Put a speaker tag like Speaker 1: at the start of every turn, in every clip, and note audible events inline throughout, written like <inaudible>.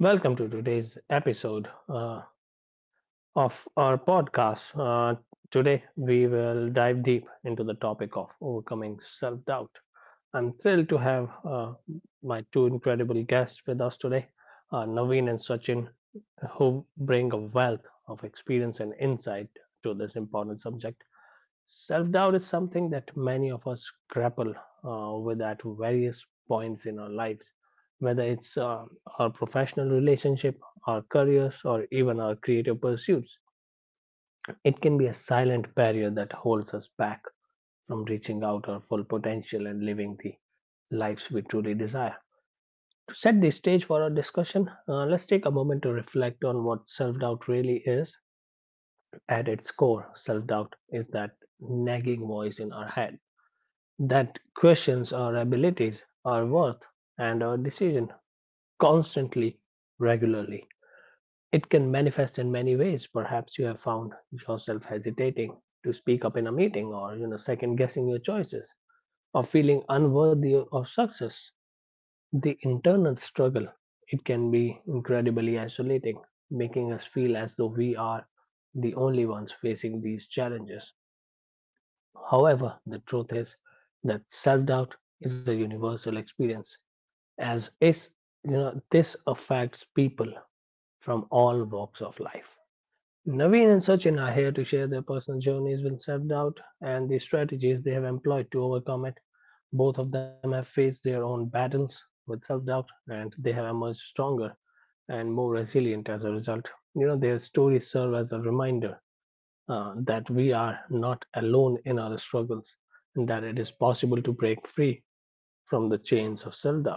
Speaker 1: Welcome to today's episode of our podcast. Today, we will dive deep into the topic of overcoming self doubt. I'm thrilled to have my two incredible guests with us today, Naveen and Sachin, who bring a wealth of experience and insight to this important subject. Self doubt is something that many of us grapple with at various points in our lives, whether it's our professional relationship, our careers, or even our creative pursuits. It can be a silent barrier that holds us back from reaching out our full potential and living the lives we truly desire. To set the stage for our discussion, let's take a moment to reflect on what self doubt really is. At its core, self doubt is that nagging voice in our head that questions our abilities, our worth, and our decision constantly, regularly. It can manifest in many ways. Perhaps you have found yourself hesitating to speak up in a meeting or second guessing your choices or feeling unworthy of success. The internal struggle it can be incredibly isolating, making us feel as though we are the only ones facing these challenges. However, the truth is that self doubt is a universal experience. As is this affects people from all walks of life. Naveen and Sachin are here to share their personal journeys with self doubt and the strategies they have employed to overcome it. Both of them have faced their own battles with self doubt and they have emerged stronger and more resilient as a result. You know, their stories serve as a reminder that we are not alone in our struggles and that it is possible to break free from the chains of self doubt.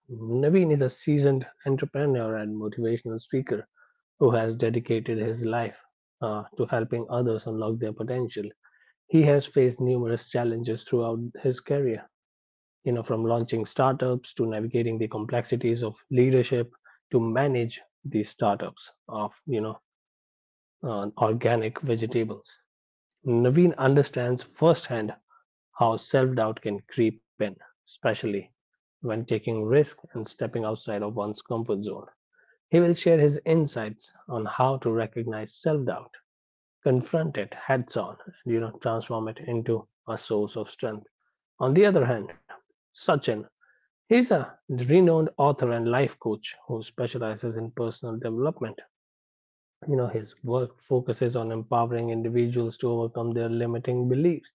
Speaker 1: Naveen is a seasoned entrepreneur and motivational speaker who has dedicated his life to helping others unlock their potential. He has faced numerous challenges throughout his career, you know, from launching startups to navigating the complexities of leadership to manage the startups of, you know, organic vegetables. Naveen understands firsthand how self-doubt can creep in, especially when taking risk and stepping outside of one's comfort zone. He will share his insights on how to recognize self-doubt, confront it heads-on, and transform it into a source of strength. On the other hand, Sachin, he's a renowned author and life coach who specializes in personal development. You know, his work focuses on empowering individuals to overcome their limiting beliefs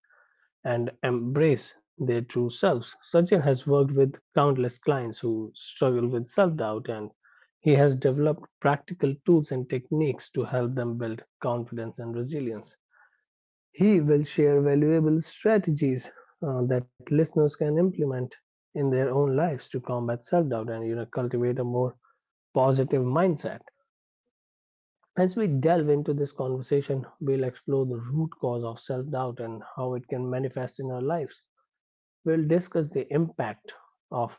Speaker 1: and embrace their true selves. Sachin has worked with countless clients who struggle with self doubt, and he has developed practical tools and techniques to help them build confidence and resilience. He will share valuable strategies that listeners can implement in their own lives to combat self doubt and you know, cultivate a more positive mindset. As we delve into this conversation, we'll explore the root cause of self doubt and how it can manifest in our lives. We'll discuss the impact of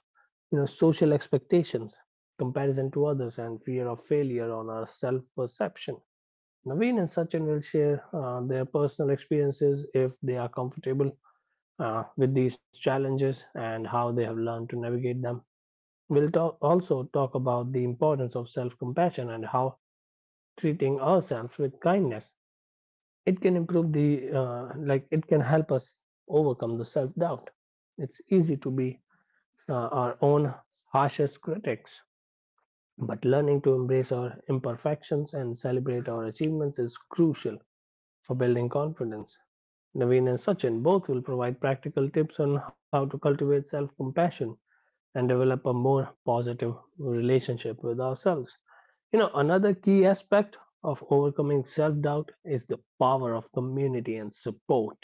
Speaker 1: social expectations, comparison to others, and fear of failure on our self perception. Naveen and Sachin will share their personal experiences if they are comfortable with these challenges and how they have learned to navigate them. We'll also talk about the importance of self compassion and how treating ourselves with kindness it can improve the it can help us overcome the self doubt. It's easy to be our own harshest critics. But learning to embrace our imperfections and celebrate our achievements is crucial for building confidence. Naveen and Sachin both will provide practical tips on how to cultivate self compassion and develop a more positive relationship with ourselves. You know, another key aspect of overcoming self doubt is the power of community and support.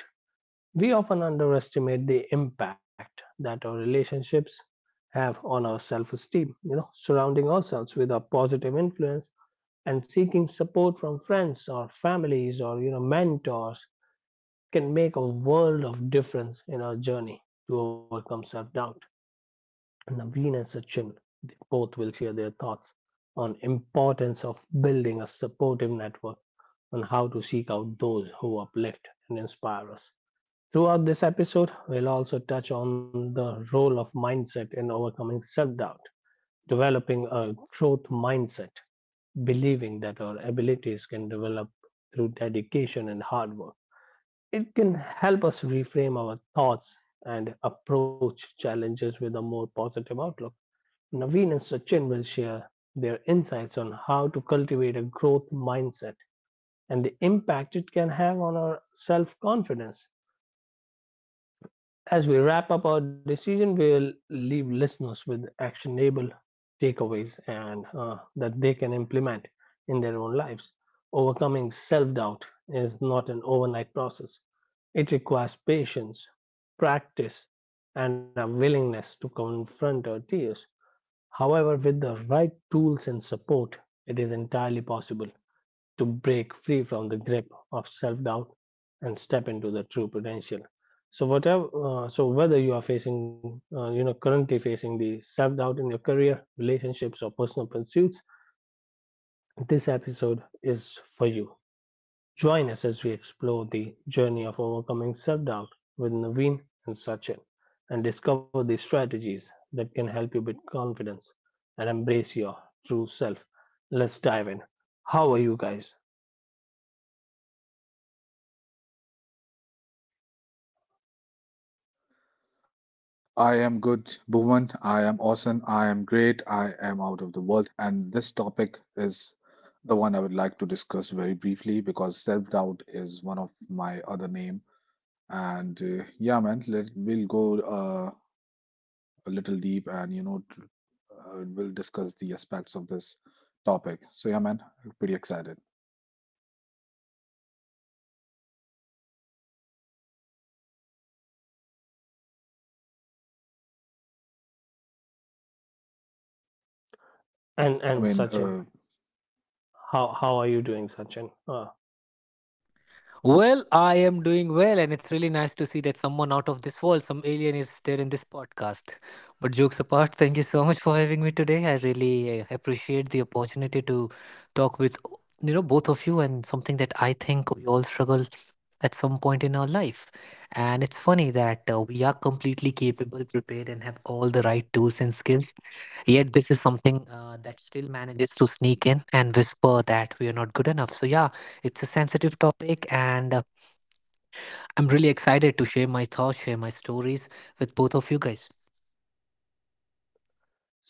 Speaker 1: We often underestimate the impact that our relationships have on our self esteem. You know, surrounding ourselves with a positive influence and seeking support from friends or families or, you know, mentors can make a world of difference in our journey to overcome self doubt. Naveen and Sachin they both will share their thoughts on importance of building a supportive network and how to seek out those who uplift and inspire us. Throughout this episode, we'll also touch on the role of mindset in overcoming self doubt, developing a growth mindset, believing that our abilities can develop through dedication and hard work. It can help us reframe our thoughts and approach challenges with a more positive outlook. Naveen and Sachin will share their insights on how to cultivate a growth mindset and the impact it can have on our self confidence. As we wrap up our decision, we'll leave listeners with actionable takeaways and that they can implement in their own lives. Overcoming self doubt is not an overnight process, it requires patience, practice, and a willingness to confront our fears. However, with the right tools and support, it is entirely possible to break free from the grip of self-doubt and step into the true potential. So whatever so whether you are facing you know currently facing the self-doubt in your career, relationships, or personal pursuits, this episode is for you. Join us as we explore the journey of overcoming self-doubt with Naveen and Sachin, and discover the strategies that can help you build confidence and embrace your true self. Let's dive in. How are you guys?
Speaker 2: I am good, Bhuvan. I am awesome. I am great. I am out of the world. And this topic is the one I would like to discuss very briefly because self-doubt is one of my other name. And yeah, man, let we'll go a little deep and we'll discuss the aspects of this topic. So yeah, man, pretty excited.
Speaker 1: And
Speaker 2: I mean,
Speaker 1: Sachin, how are you doing, Sachin?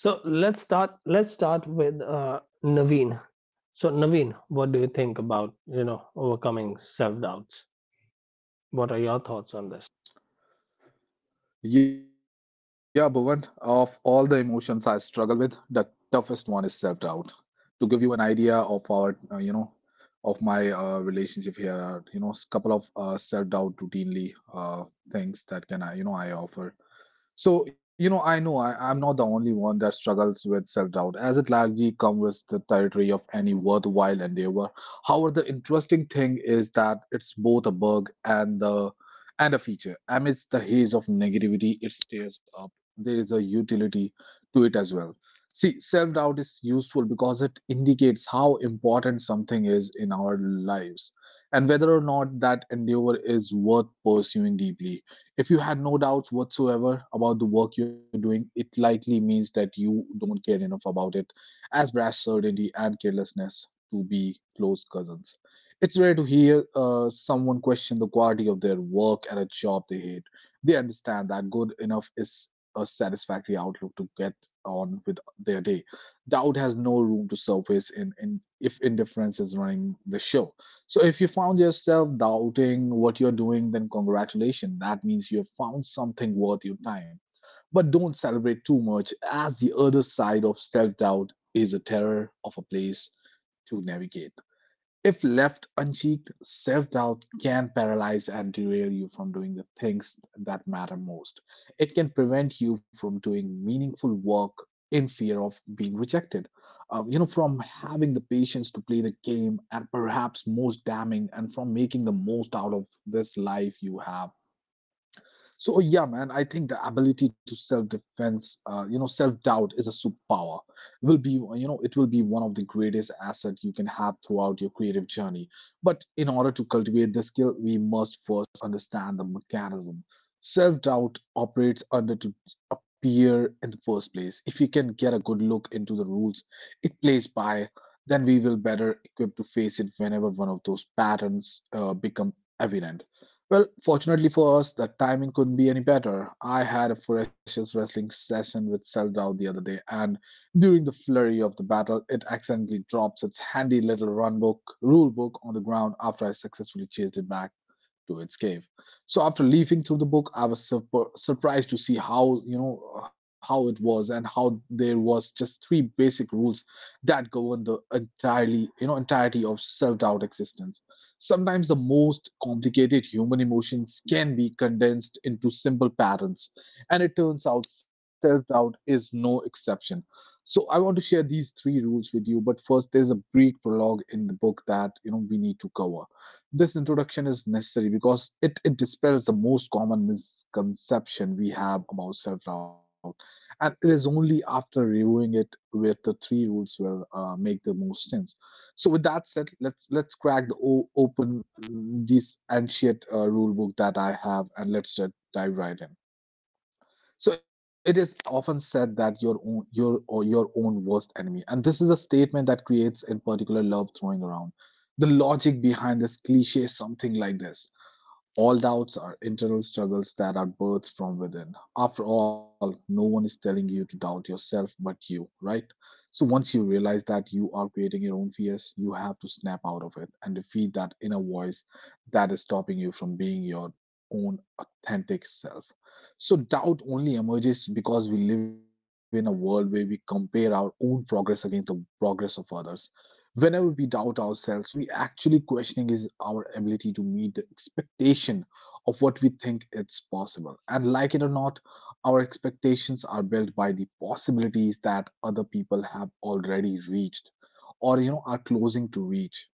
Speaker 1: So let's start with Naveen. So Naveen, what do you think about overcoming self doubts? What are your thoughts on this?
Speaker 2: Yeah, Bhuvan, of all the emotions I struggle with, the toughest one is self-doubt. To give you an idea of our, you know, of my relationship here, couple of self-doubt routinely things that can I, you know, I offer. So, you know, I know I'm not the only one that struggles with self-doubt, as it largely comes with the territory of any worthwhile endeavor. However, the interesting thing is that it's both a bug and the and a feature. Amidst the haze of negativity, it stares up. There is a utility to it as well. See, self-doubt is useful because it indicates how important something is in our lives and whether or not that endeavor is worth pursuing deeply. If you had no doubts whatsoever about the work you're doing, it likely means that you don't care enough about it, as brash certainty and carelessness to be close cousins. It's rare to hear someone question the quality of their work at a job they hate. They understand that good enough is a satisfactory outlook to get on with their day. Doubt has no room to surface in if indifference is running the show. So if you found yourself doubting what you're doing, then congratulations. That means you have found something worth your time. But don't celebrate too much, as the other side of self doubt is a terror of a place to navigate. If left unchecked, self doubt can paralyze and derail you from doing the things that matter most. It can prevent you from doing meaningful work in fear of being rejected, you know, from having the patience to play the game, and perhaps most damning, and from making the most out of this life you have. So yeah, man, I think the ability to self-defense, you know, self-doubt is a superpower. Will be, you know, it will be one of the greatest asset you can have throughout your creative journey. But in order to cultivate this skill, we must first understand the mechanism. Self-doubt operates under to appear in the first place. If we can get a good look into the rules it plays by, then we will better equipped to face it whenever one of those patterns become evident. Well, fortunately for us, the timing couldn't be any better. I had a ferocious wrestling session with Seldow the other day, and during the flurry of the battle, it accidentally drops its handy little rule book on the ground after I successfully chased it back to its cave. So after leafing through the book, I was surprised to see how, you know, how it was and how there was just three basic rules that govern the entirely, you know, entirety of self-doubt existence. Sometimes the most complicated human emotions can be condensed into simple patterns, and it turns out self-doubt is no exception. So I want to share these three rules with you, but first there's a brief prologue in the book that, you know, we need to cover. This introduction is necessary because it dispels the most common misconception we have about self doubt. And it is only after reviewing it where the three rules will make the most sense. So, with that said, let's crack the open mm, this ancient rule book that I have and let's dive right in. So it is often said that your own your or your own worst enemy. And this is a statement that creates in particular love throwing around. The logic behind this cliche is something like this. All doubts are internal struggles that are birthed from within. After all, no one is telling you to doubt yourself but you, right? So once you realize that you are creating your own fears, you have to snap out of it and defeat that inner voice that is stopping you from being your own authentic self. So doubt only emerges because we live in a world where we compare our own progress against the progress of others. Whenever we doubt ourselves, what we actually questioning is our ability to meet the expectation of what we think it's possible. And like it or not, our expectations are built by the possibilities that other people have already reached or, you know, are closing to reach.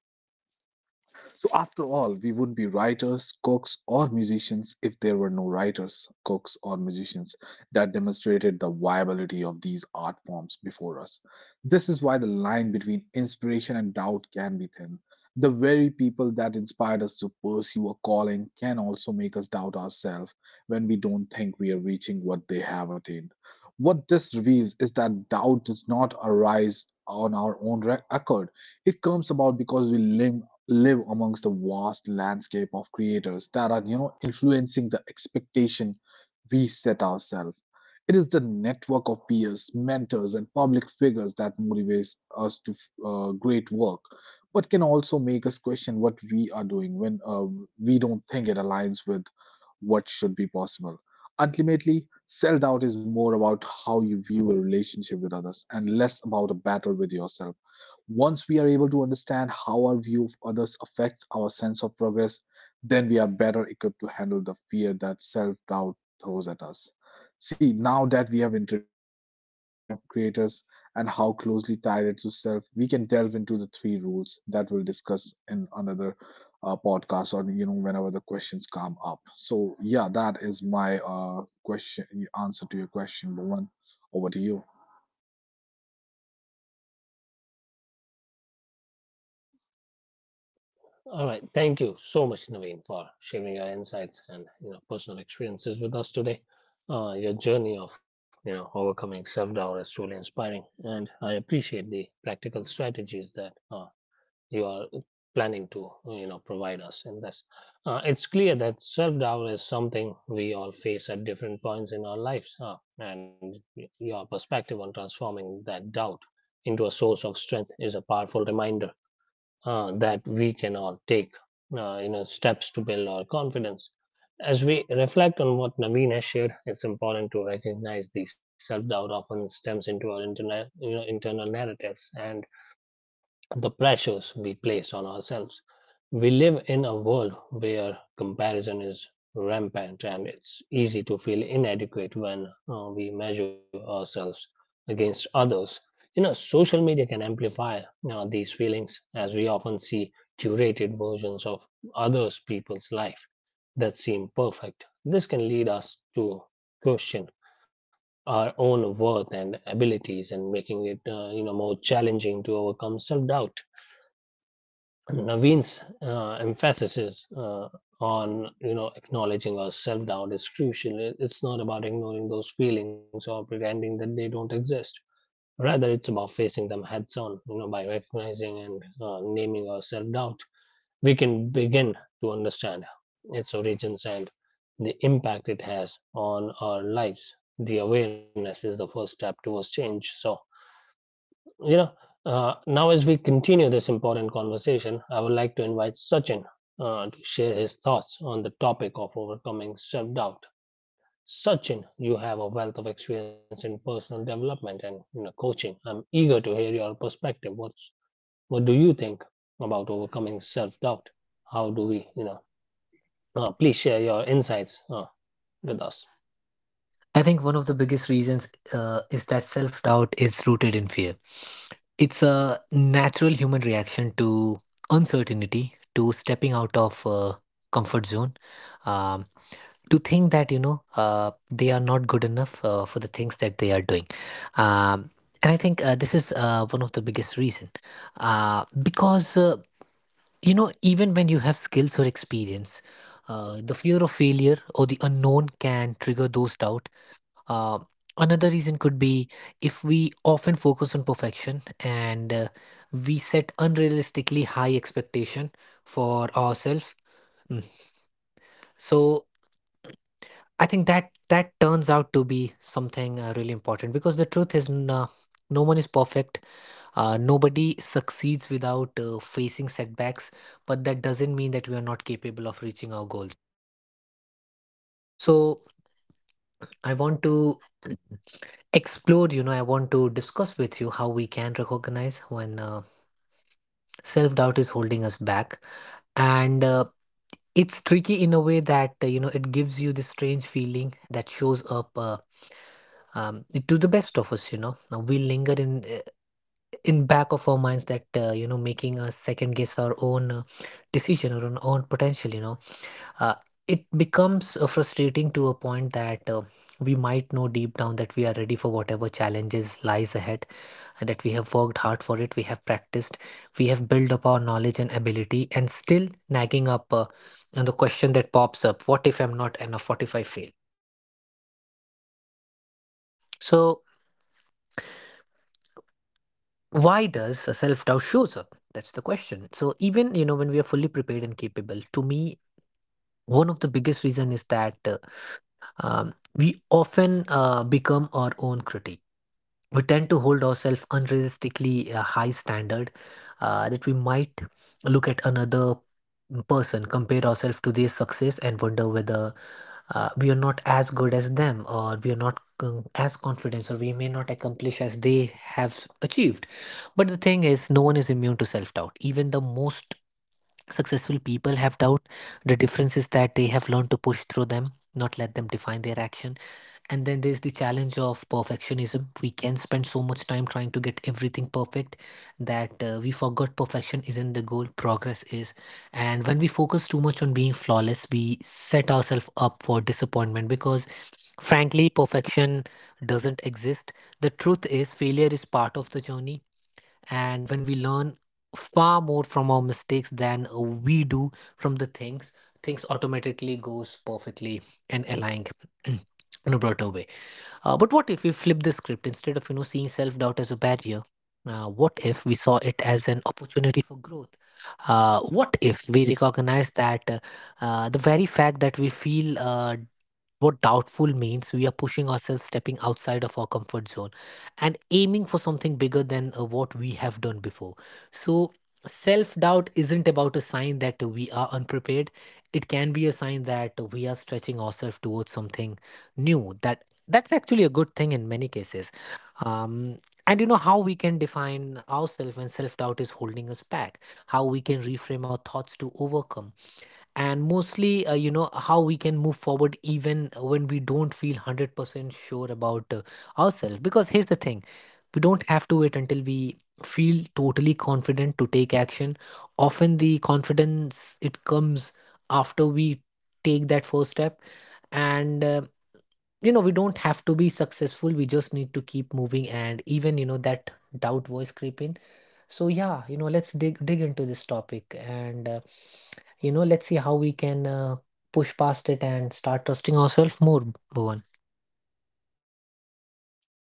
Speaker 2: So, after all, we would be writers, cooks, or musicians if there were no writers, cooks, or musicians that demonstrated the viability of these art forms before us. This is why the line between inspiration and doubt can be thin. The very people that inspired us to pursue a calling can also make us doubt ourselves when we don't think we are reaching what they have attained. What this reveals is that doubt does not arise on our own accord. It comes about because we live amongst the vast landscape of creators that are, you know, influencing the expectation we set ourselves. It is the network of peers, mentors and public figures that motivates us to great work, but can also make us question what we are doing when we don't think it aligns with what should be possible. Ultimately, self-doubt is more about how you view a relationship with others and less about a battle with yourself. Once we are able to understand how our view of others affects our sense of progress, then we are better equipped to handle the fear that self doubt throws at us. See, now that we have introduced the landscape of creators and how closely tied it to self, we can delve into the three rules that we'll discuss in another podcast or, you know, whenever the questions come up. So yeah, that is my question answer to your question, Bhuvan. Over to you.
Speaker 1: All right, thank you so much, Naveen, for sharing your insights and you know personal experiences with us today. Your journey of overcoming self doubt is truly inspiring, and I appreciate the practical strategies that you are planning to provide us in this. It's clear that self-doubt is something we all face at different points in our lives and your perspective on transforming that doubt into a source of strength is a powerful reminder that we can all take you know steps to build our confidence. As we reflect on what Naveen has shared, it's important to recognize the self-doubt often stems into our internal, you know, internal narratives and the pressures we place on ourselves. We live in a world where comparison is rampant and it's easy to feel inadequate when we measure ourselves against others. You know, social media can amplify these feelings as we often see curated versions of others' people's life that seem perfect. This can lead us to question our own worth and abilities and making it you know more challenging to overcome self doubt. Naveen's emphasis uh, on acknowledging our self doubt is crucial. It's not about ignoring those feelings or pretending that they don't exist. Rather, it's about facing them heads on. You know, by recognizing and naming our self doubt, we can begin to understand its origins and the impact it has on our lives. The awareness is the first step towards change. So, you know, now as we continue this important conversation, I would like to invite Sachin to share his thoughts on the topic of overcoming self doubt. Sachin, you have a wealth of experience in personal development and you know, coaching. I'm eager to hear your perspective. What do you think about overcoming self doubt? How do we, you know, please share your insights with us.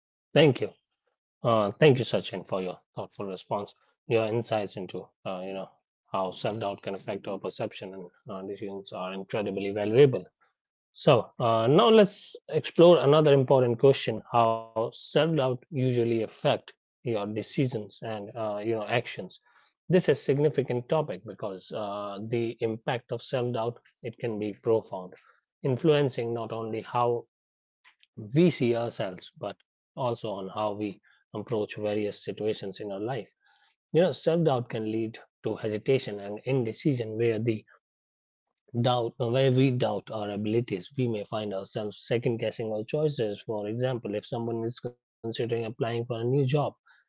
Speaker 1: Thank you. Thank you, Sachin, for your thoughtful response. Your insights into, you know, how self-doubt can affect our perception and decisions are incredibly valuable. So now let's explore another important question: how self-doubt usually affect your decisions and you know actions. This is significant topic because the impact of self-doubt it can be profound, influencing not only how we see ourselves, but also on how we approach various situations in our life. You know, self doubt can lead to hesitation and indecision, where we doubt our abilities, we may find ourselves second guessing our choices. For example, if someone is considering applying for a new job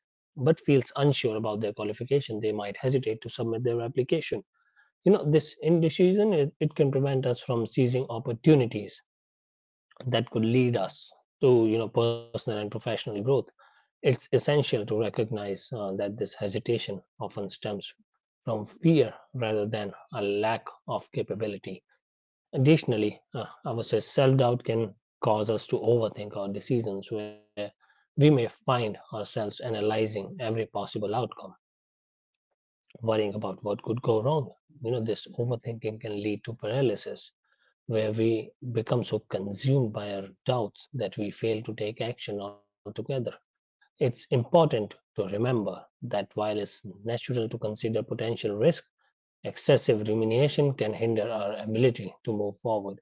Speaker 1: but feels unsure about their qualification, they might hesitate to submit their application. You know, this indecision it can prevent us from seizing opportunities that could lead us to you know personal and professional growth. It's essential to recognize that this hesitation often stems from fear rather than a lack of capability. Additionally, I would say self-doubt can cause us to overthink our decisions where we may find ourselves analyzing every possible outcome, worrying about what could go wrong. You know, this overthinking can lead to paralysis where we become so consumed by our doubts that we fail to take action altogether. It's important to remember that while it's natural to consider potential risk, excessive rumination can hinder our ability to move forward.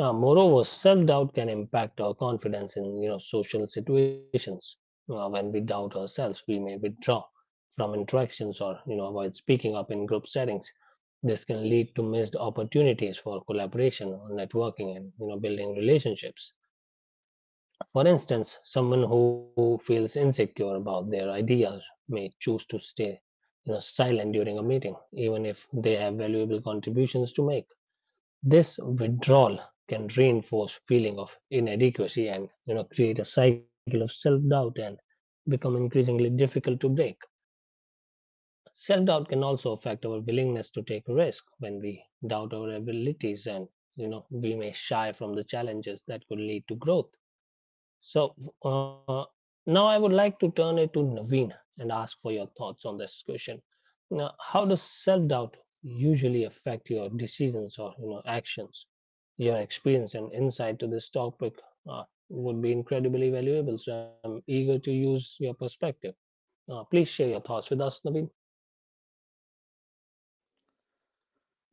Speaker 1: Moreover, self-doubt can impact our confidence in social situations. When we doubt ourselves, we may withdraw from interactions or avoid speaking up in group settings. This can lead to missed opportunities for collaboration or networking and building relationships. For instance, someone who feels insecure about their ideas may choose to stay silent during a meeting, even if they have valuable contributions to make. This withdrawal can reinforce feeling of inadequacy and create a cycle of self-doubt and become increasingly difficult to break. Self-doubt can also affect our willingness to take risk when we doubt our abilities and we may shy from the challenges that could lead to growth. So uh, now I would like to turn it to Naveen and ask for your thoughts on this question. Now, how does self-doubt usually affect your decisions or actions? Your experience and insight to this topic uh, would be incredibly valuable. So I'm eager to use your perspective. Please share your thoughts with us, Naveen.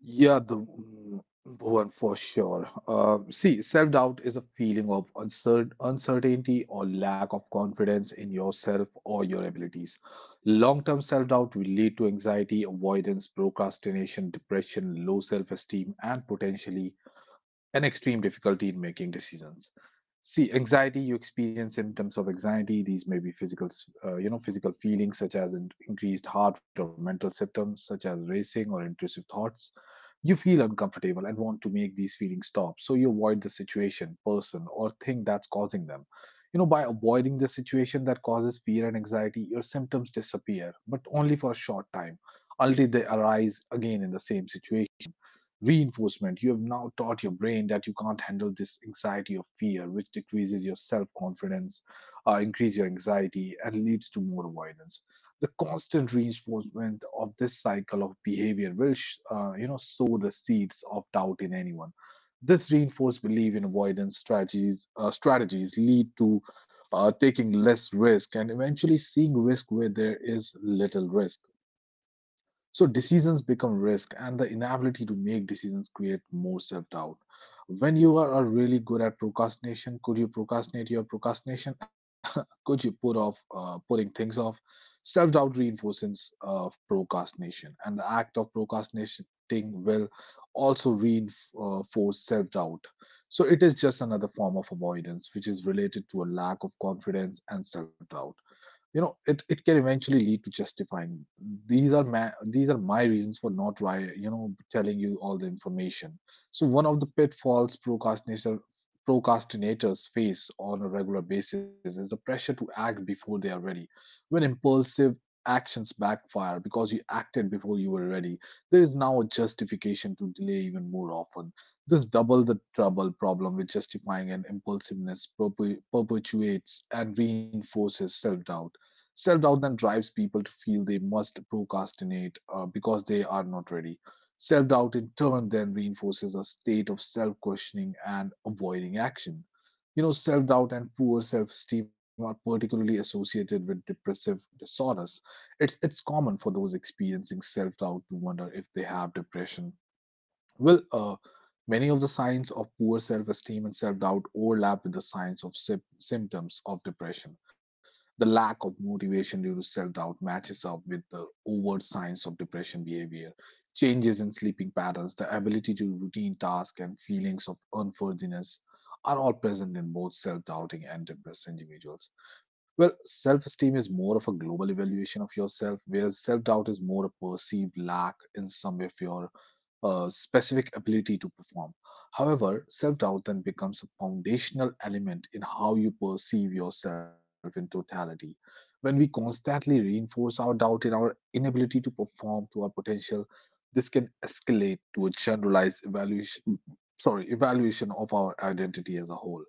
Speaker 2: Yeah, the mm, Bhuvan, for sure. See, self-doubt is a feeling of uncertainty or lack of confidence in yourself or your abilities. Long-term self-doubt will lead to anxiety, avoidance, procrastination, depression, low self-esteem, and potentially an extreme difficulty in making decisions. See, anxiety, you experience symptoms of anxiety. These may be physical, you know, physical feelings such as increased heart rate or mental symptoms such as racing or intrusive thoughts. You feel uncomfortable and want to make these feelings stop, so you avoid the situation, person, or thing that's causing them. You know, by avoiding the situation that causes fear and anxiety, your symptoms disappear, but only for a short time. Ultimately, they arise again in the same situation. Reinforcement: you have now taught your brain that you can't handle this anxiety or fear, which decreases your self confidence, increase your anxiety, and leads to more avoidance. The constant reinforcement of this cycle of behavior will, you know, sow the seeds of doubt in anyone. This reinforced belief in avoidance strategies lead to taking less risk and eventually seeing risk where there is little risk. So decisions become risk, and the inability to make decisions create more self doubt. When you are really good at procrastination, could you procrastinate your procrastination? <laughs> Could you put off putting things off? Self doubt reinforces procrastination, and the act of procrastinating will also reinforce self doubt. So it is just another form of avoidance, which is related to a lack of confidence and self doubt. You know it can eventually lead to justifying these are these are my reasons for not why, you know, telling you all the information. So one of the pitfalls procrastinators face on a regular basis is the pressure to act before they are ready. When impulsive actions backfire because you acted before you were ready, there is now a justification to delay even more often. This double the trouble problem with justifying and impulsiveness perpetuates and reinforces self doubt. Self doubt then drives people to feel they must procrastinate because they are not ready. Self doubt, in turn, then reinforces a state of self questioning and avoiding action. You know, self doubt and poor self esteem are particularly associated with depressive disorders. It's common for those experiencing self doubt to wonder if they have depression. Well, many of the signs of poor self esteem and self doubt overlap with the signs of symptoms of depression. The lack of motivation due to self doubt matches up with the overt signs of depression behavior. Changes in sleeping patterns, the ability to routine tasks, and feelings of unworthiness are all present in both self doubting and depressed individuals. Well, self esteem is more of a global evaluation of yourself, whereas self doubt is more a perceived lack in some of your a specific ability to perform. However, self doubt then becomes a foundational element in how you perceive yourself in totality. When we constantly reinforce our doubt in our inability to perform to our potential, this can escalate to a generalized evaluation, sorry, evaluation of our identity as a whole.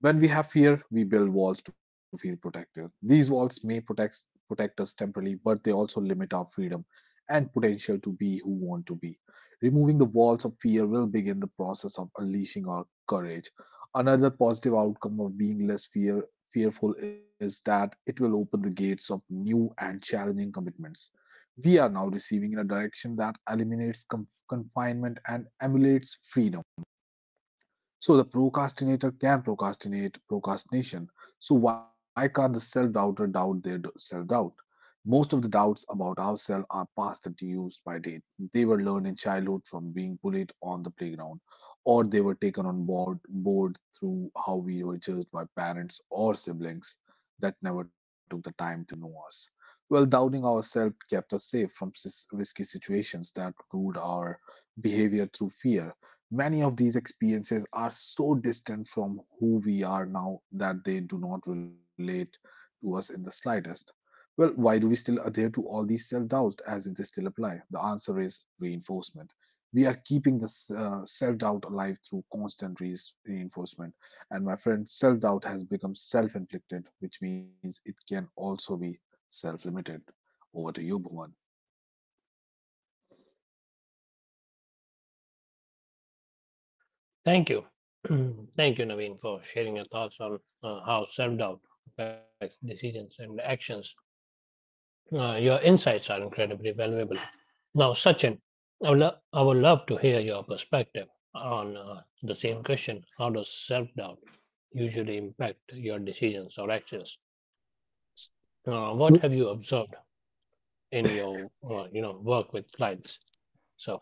Speaker 2: When we have fear, we build walls to feel protected. These walls may protect us temporarily, but they also limit our freedom and potential to be who want to be. Removing the walls of fear will begin the process of unleashing our courage. Another positive outcome of being fearful is that it will open the gates of new and challenging commitments. We are now receiving in a direction that eliminates confinement and emulates freedom. So the procrastinator can procrastinate procrastination. So why can't the self-doubter doubt their self-doubt? Most of the doubts about ourselves are past and used by date. They were learned in childhood from being bullied on the playground, or they were taken on board through how we were judged by parents or siblings that never took the time to know us. Well, doubting ourselves kept us safe from risky situations that ruled our behavior through fear. Many of these experiences are so distant from who we are now that they do not relate to us in the slightest. Well, why do we still adhere to all these self doubts as if they still apply? The answer is reinforcement. We are keeping this self doubt alive through constant reinforcement. And my friend, self doubt has become self inflicted, which means it can also be self limited. Over to you, Bhuvan.
Speaker 1: Thank you, <clears throat> thank you, Naveen, for sharing your thoughts on how self-doubt affects decisions and actions. Your insights are incredibly valuable. Now, Sachin, I would love to hear your perspective on the same question. How does self doubt usually impact your decisions or actions? What have you observed in your work with clients? So,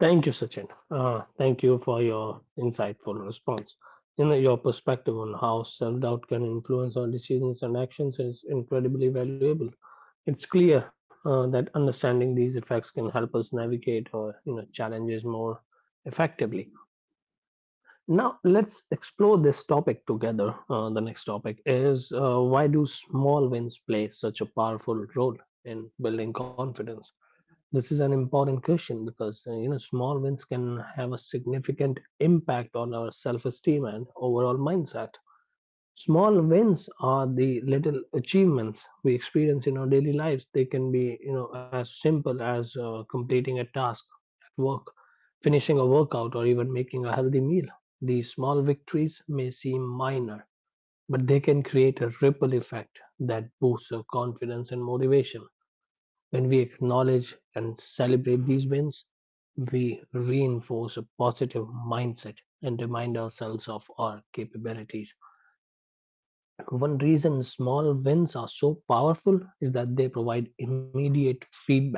Speaker 1: thank you, Sachin. Thank you for your insightful response. You know, your perspective on how self doubt can influence our decisions and actions is incredibly valuable. It's clear that understanding these effects can help us navigate or you know, challenges more effectively. Now, let's explore this topic together. The next topic is why do small wins play such a powerful role in building confidence? This is an important question because you know small wins can have a significant impact on our self-esteem and overall mindset. Small wins are the little achievements we experience in our daily lives. They can be, you know, as simple as completing a task at work, finishing a workout, or even making a healthy meal. These small victories may seem minor, but they can create a ripple effect that boosts our confidence and motivation. When we acknowledge and celebrate these wins, we reinforce a positive mindset and remind ourselves of our capabilities. One reason small wins are so powerful is that they provide immediate feedback.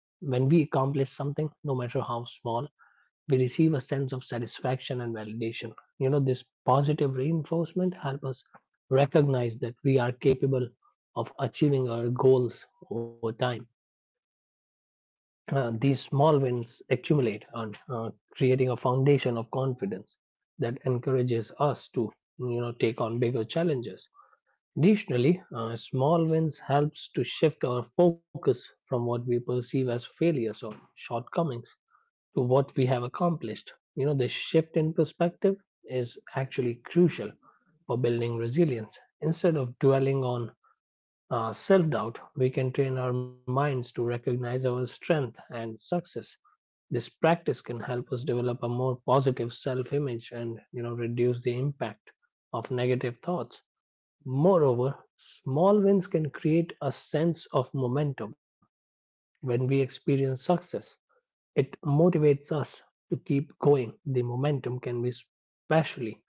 Speaker 1: When we accomplish something, no matter how small, we receive a sense of satisfaction and validation. You know, this positive reinforcement helps us recognize that we are capable of achieving our goals over time. These small wins accumulate on creating a foundation of confidence that encourages us to take on bigger challenges. Additionally, small wins helps to shift our focus from what we perceive as failures or shortcomings to what we have accomplished. You know, this shift in perspective is actually crucial for building resilience. Instead of dwelling on self doubt, we can train our minds to recognize our strength and success. This practice can help us develop a more positive self image and reduce the impact of negative thoughts. Moreover, small wins can create a sense of momentum. When we experience success, it motivates us to keep going. The momentum can be especially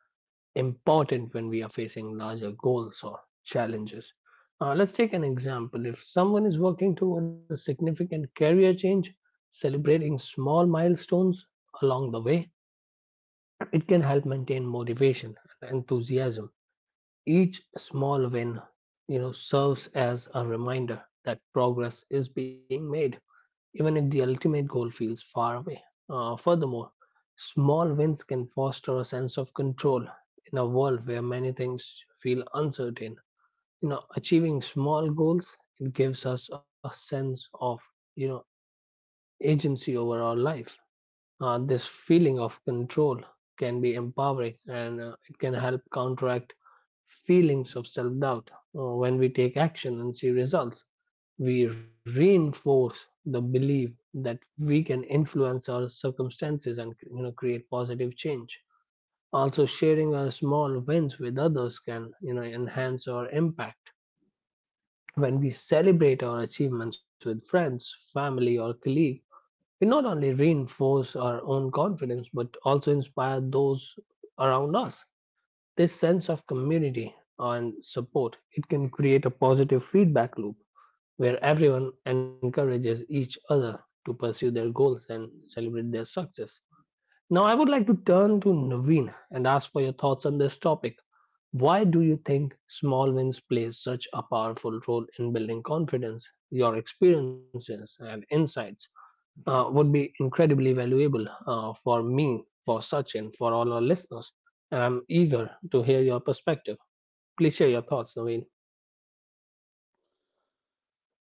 Speaker 1: important when we are facing larger goals or challenges. Let's take an example. If someone is working toward a significant career change, celebrating small milestones along the way, it can help maintain motivation and enthusiasm each small win, you know, serves as a reminder that progress is being made, even if the ultimate goal feels far away. Furthermore, small wins can foster a sense of control in a world where many things feel uncertain. You know, achieving small goals it gives us a sense of you know agency over our life. This feeling of control can be empowering and it can help counteract feelings of self doubt. When we take action and see results, we reinforce the belief that we can influence our circumstances and create positive change. Also, sharing our small wins with others can enhance our impact when we celebrate our achievements with friends, family, or colleagues, we not only reinforce our own confidence but also inspire those around us. This sense of community and support, it can create a positive feedback loop where everyone encourages each other to pursue their goals and celebrate their success. Now I would like to turn to Naveen and ask for your thoughts on this topic. Why do you think small wins play such a powerful role in building confidence? Your experiences and insights would be incredibly valuable for me, for Sachin, for all our listeners. And I'm eager to hear your perspective. Please share your thoughts, Naveen.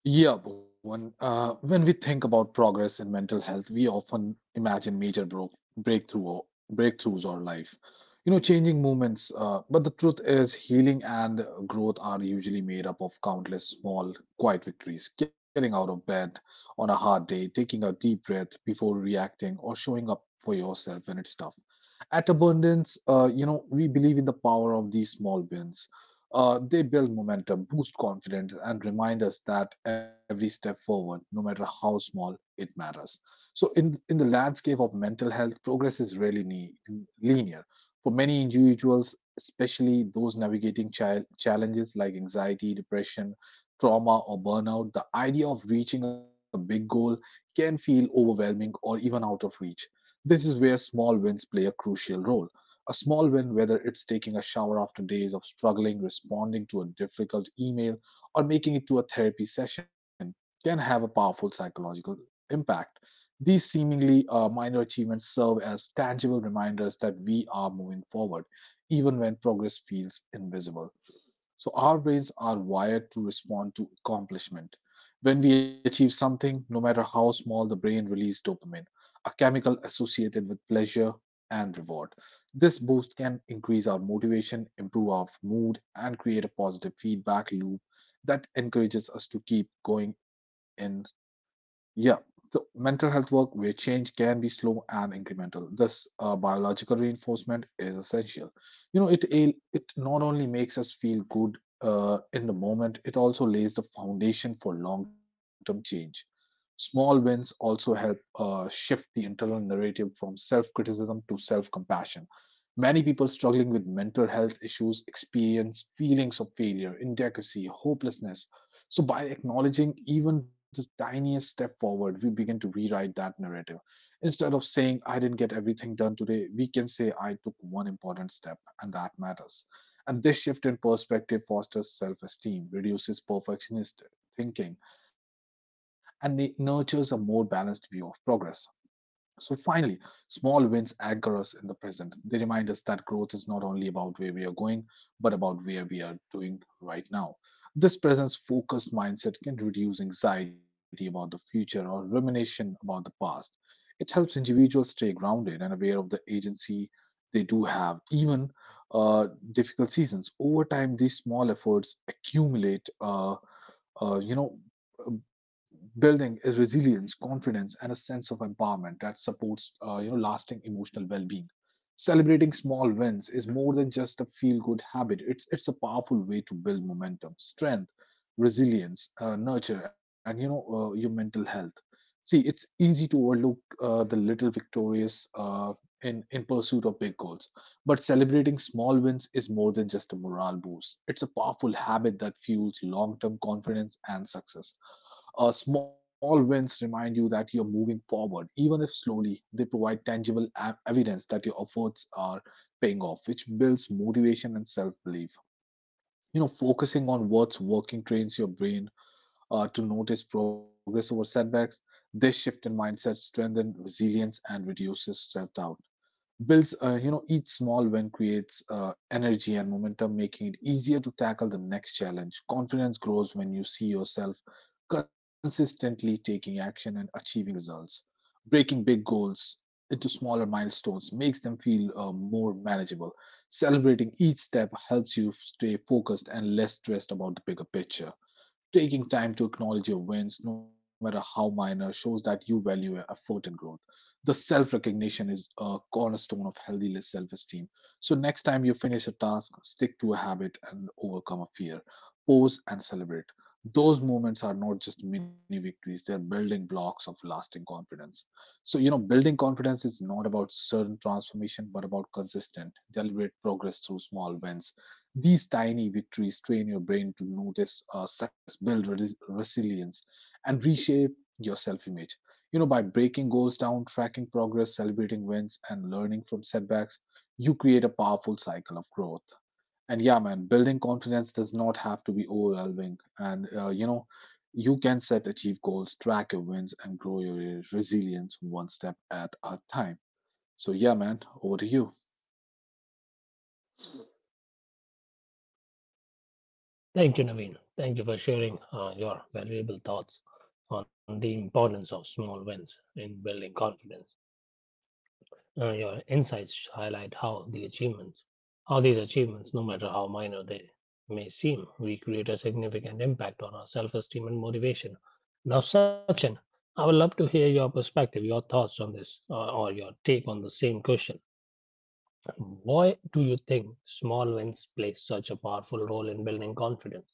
Speaker 2: Yeah, Bhuvan. When we think about progress in mental health, we often imagine major breakthrough or breakthroughs or life, you know, changing movements. But the truth is, healing and growth are usually made up of countless small, quiet victories. Getting out of bed on a hard day, taking a deep breath before reacting, or showing up for yourself when it's tough. At Abundance, you know, we believe in the power of these small wins. They build momentum, boost confidence, and remind us that every step forward, no matter how small, it matters. So, in the landscape of mental health, progress is rarely linear. For many individuals, especially those navigating child challenges like anxiety, depression, trauma, or burnout, the idea of reaching a big goal can feel overwhelming or even out of reach. This is where small wins play a crucial role. A small win, whether it's taking a shower after days of struggling, responding to a difficult email, or making it to a therapy session, can have a powerful psychological impact. These seemingly minor achievements serve as tangible reminders that we are moving forward, even when progress feels invisible. So, our brains are wired to respond to accomplishment. When we achieve something, no matter how small, the brain releases dopamine, a chemical associated with pleasure and reward. This boost can increase our motivation, improve our mood, and create a positive feedback loop that encourages us to keep going in. Yeah. So, mental health work where change can be slow and incremental. This biological reinforcement is essential. You know, it not only makes us feel good in the moment, it also lays the foundation for long term change. Small wins also help shift the internal narrative from self criticism to self compassion. Many people struggling with mental health issues experience feelings of failure, inadequacy, hopelessness. So, by acknowledging even the tiniest step forward, we begin to rewrite that narrative. Instead of saying, I didn't get everything done today, we can say, I took one important step, and that matters. And this shift in perspective fosters self esteem, reduces perfectionist thinking, and it nurtures a more balanced view of progress. So finally, small wins anchor us in the present. They remind us that growth is not only about where we are going, but about where we are doing right now. This presence focused mindset can reduce anxiety about the future or rumination about the past. It helps individuals stay grounded and aware of the agency they do have, even uh, difficult seasons. Over time, these small efforts accumulate. Uh, you know, uh, building is resilience, confidence, and a sense of empowerment that supports, you know, lasting emotional well-being. Celebrating small wins is more than just a feel-good habit. It's a powerful way to build momentum, strength, resilience, nurture, and you know, your mental health. See, it's easy to overlook the little victorious in pursuit of big goals, but celebrating small wins is more than just a morale boost. It's a powerful habit that fuels long term confidence and success. Small wins remind you that you're moving forward, even if slowly. They provide tangible evidence that your efforts are paying off, which builds motivation and self belief. You know, focusing on what's working trains your brain to notice progress over setbacks. This shift in mindset strengthens resilience and reduces self doubt. Builds you know, each small win creates energy and momentum, making it easier to tackle the next challenge. Confidence grows when you see yourself consistently taking action and achieving results. Breaking big goals into smaller milestones makes them feel more manageable. Celebrating each step helps you stay focused and less stressed about the bigger picture. Taking time to acknowledge your wins, no matter how minor, shows that you value your effort and growth. The self recognition is a cornerstone of healthy self esteem. So, next time you finish a task, stick to a habit and overcome a fear. Pause and celebrate. Those moments are not just mini victories, they're building blocks of lasting confidence. So, you know, building confidence is not about sudden transformation, but about consistent, deliberate progress through small wins. These tiny victories train your brain to notice success, build resilience, and reshape your self image. You know, by breaking goals down, tracking progress, celebrating wins, and learning from setbacks, you create a powerful cycle of growth. And yeah, man, building confidence does not have to be overwhelming. And, you know, you can set achieve goals, track your wins, and grow your resilience one step at a time. So, yeah, man, over to you.
Speaker 1: Thank you, Naveen. Thank you for sharing your valuable thoughts on the importance of small wins in building confidence. Your insights highlight how how these achievements, no matter how minor they may seem, we create a significant impact on our self-esteem and motivation. Now, Sachin, I would love to hear your perspective, your thoughts on this, or your take on the same question. Why do you think small wins play such a powerful role in building confidence?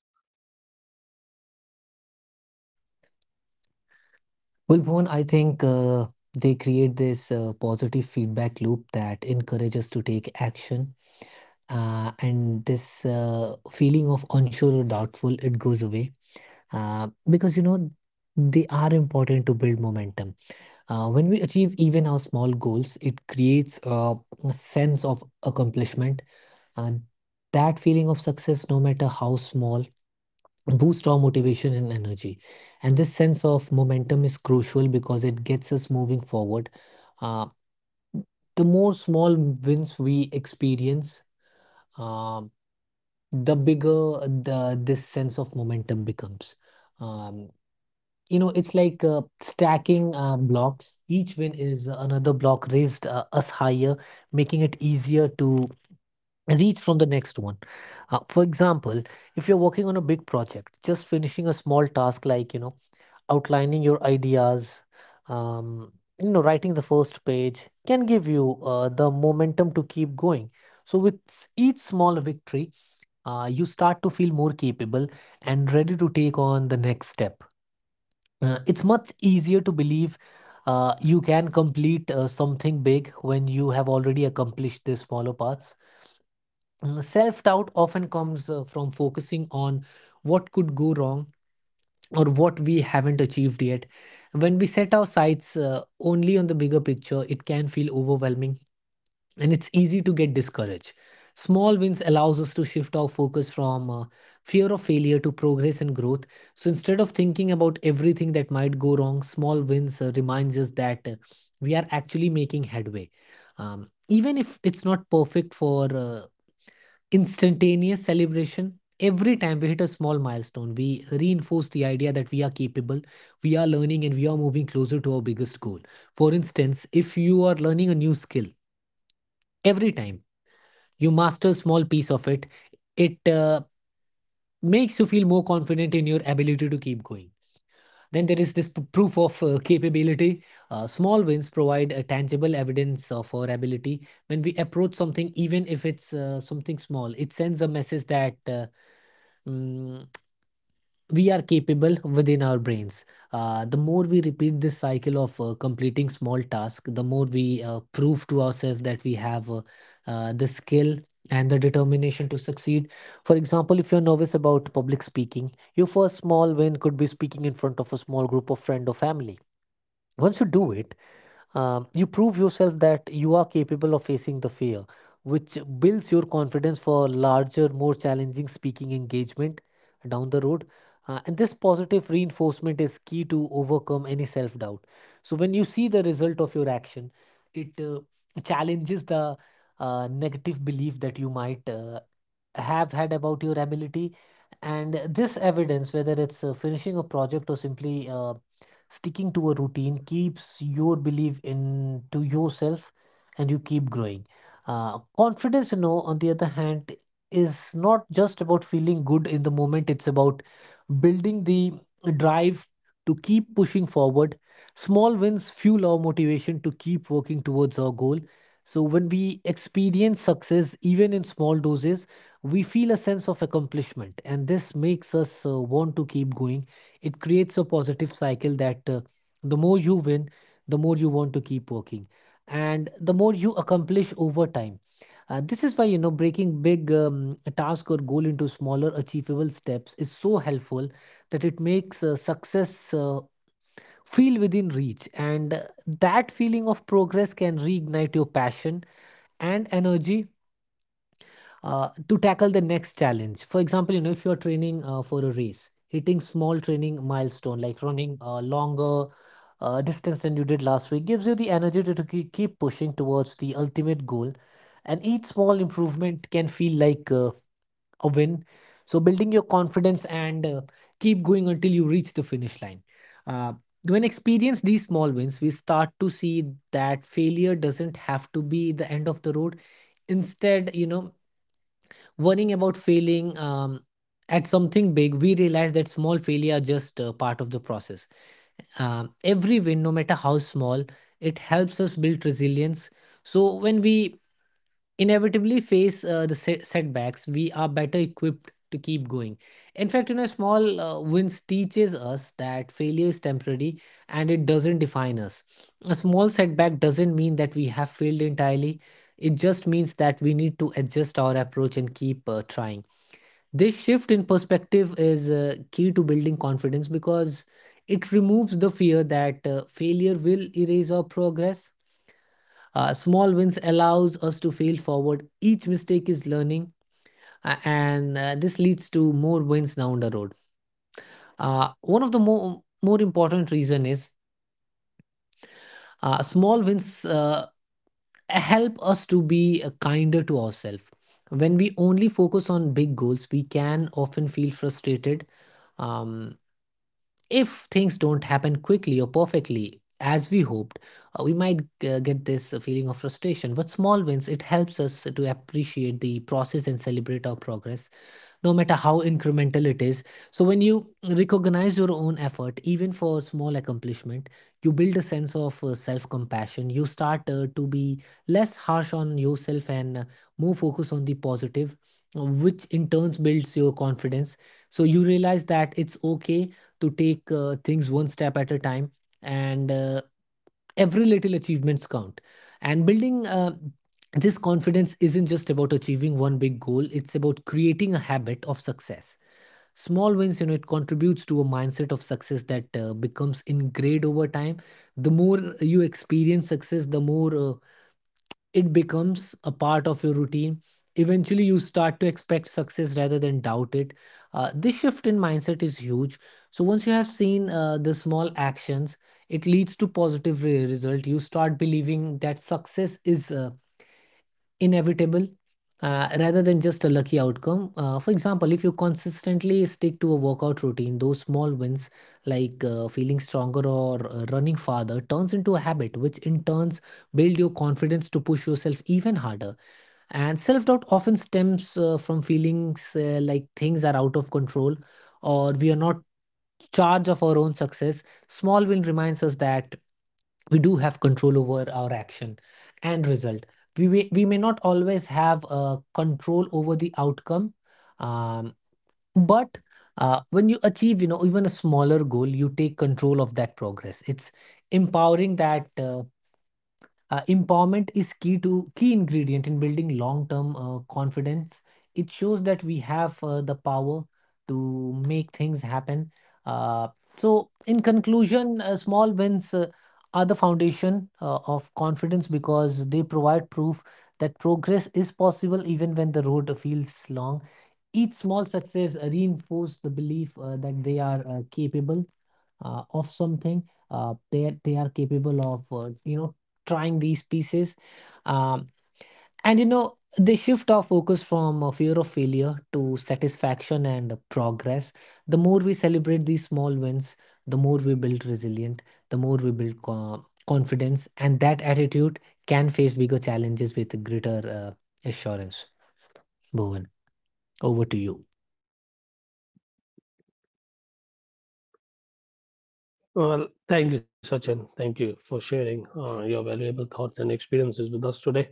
Speaker 1: Well, thank you, Sachin. Thank you for sharing your valuable thoughts and experiences with us today.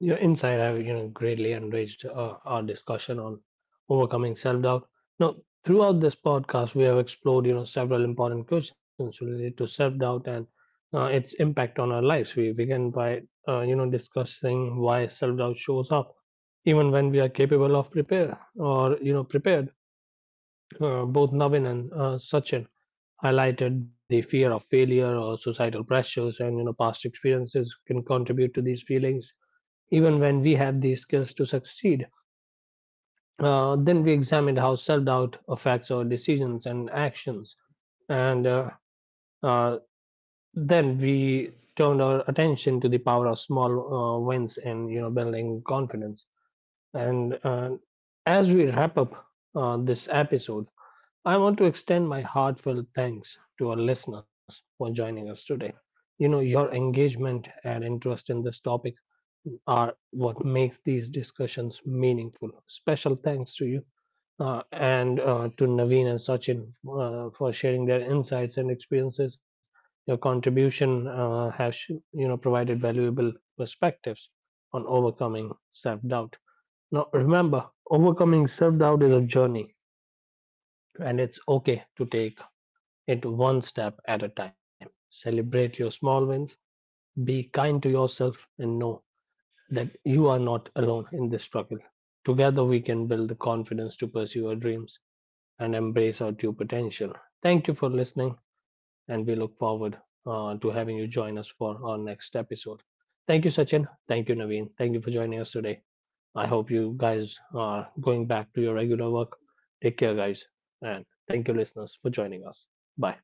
Speaker 1: Your insight have greatly enriched our discussion on overcoming self-doubt. Now, throughout this podcast, we have explored several important questions related to self-doubt and its impact on our lives. We began by discussing why self-doubt shows up, even when we are capable of prepare or prepared. Both Navin and Sachin highlighted the fear of failure or societal pressures, and past experiences can contribute to these feelings even when we have the skills to succeed. Then we examined how self doubt affects our decisions and actions. And uh, then we turned our attention to the power of small wins in building confidence. And as we wrap up this episode, I want to extend my heartfelt thanks to our listeners for joining us today. You know, your engagement and interest in this topic are what makes these discussions meaningful. Special thanks to you and to Naveen and Sachin for sharing their insights and experiences. Your contribution has provided valuable perspectives on overcoming self-doubt. Now remember, overcoming self-doubt is a journey, and it's okay to take it one step at a time. Celebrate your small wins, be kind to yourself, and know that you are not alone in this struggle. Together, we can build the confidence to pursue our dreams and embrace our true potential. Thank you for listening, and we look forward to having you join us for our next episode. Thank you, Sachin. Thank you, Naveen. Thank you for joining us today. I hope you guys are going back to your regular work. Take care, guys, and thank you, listeners, for joining us. Bye.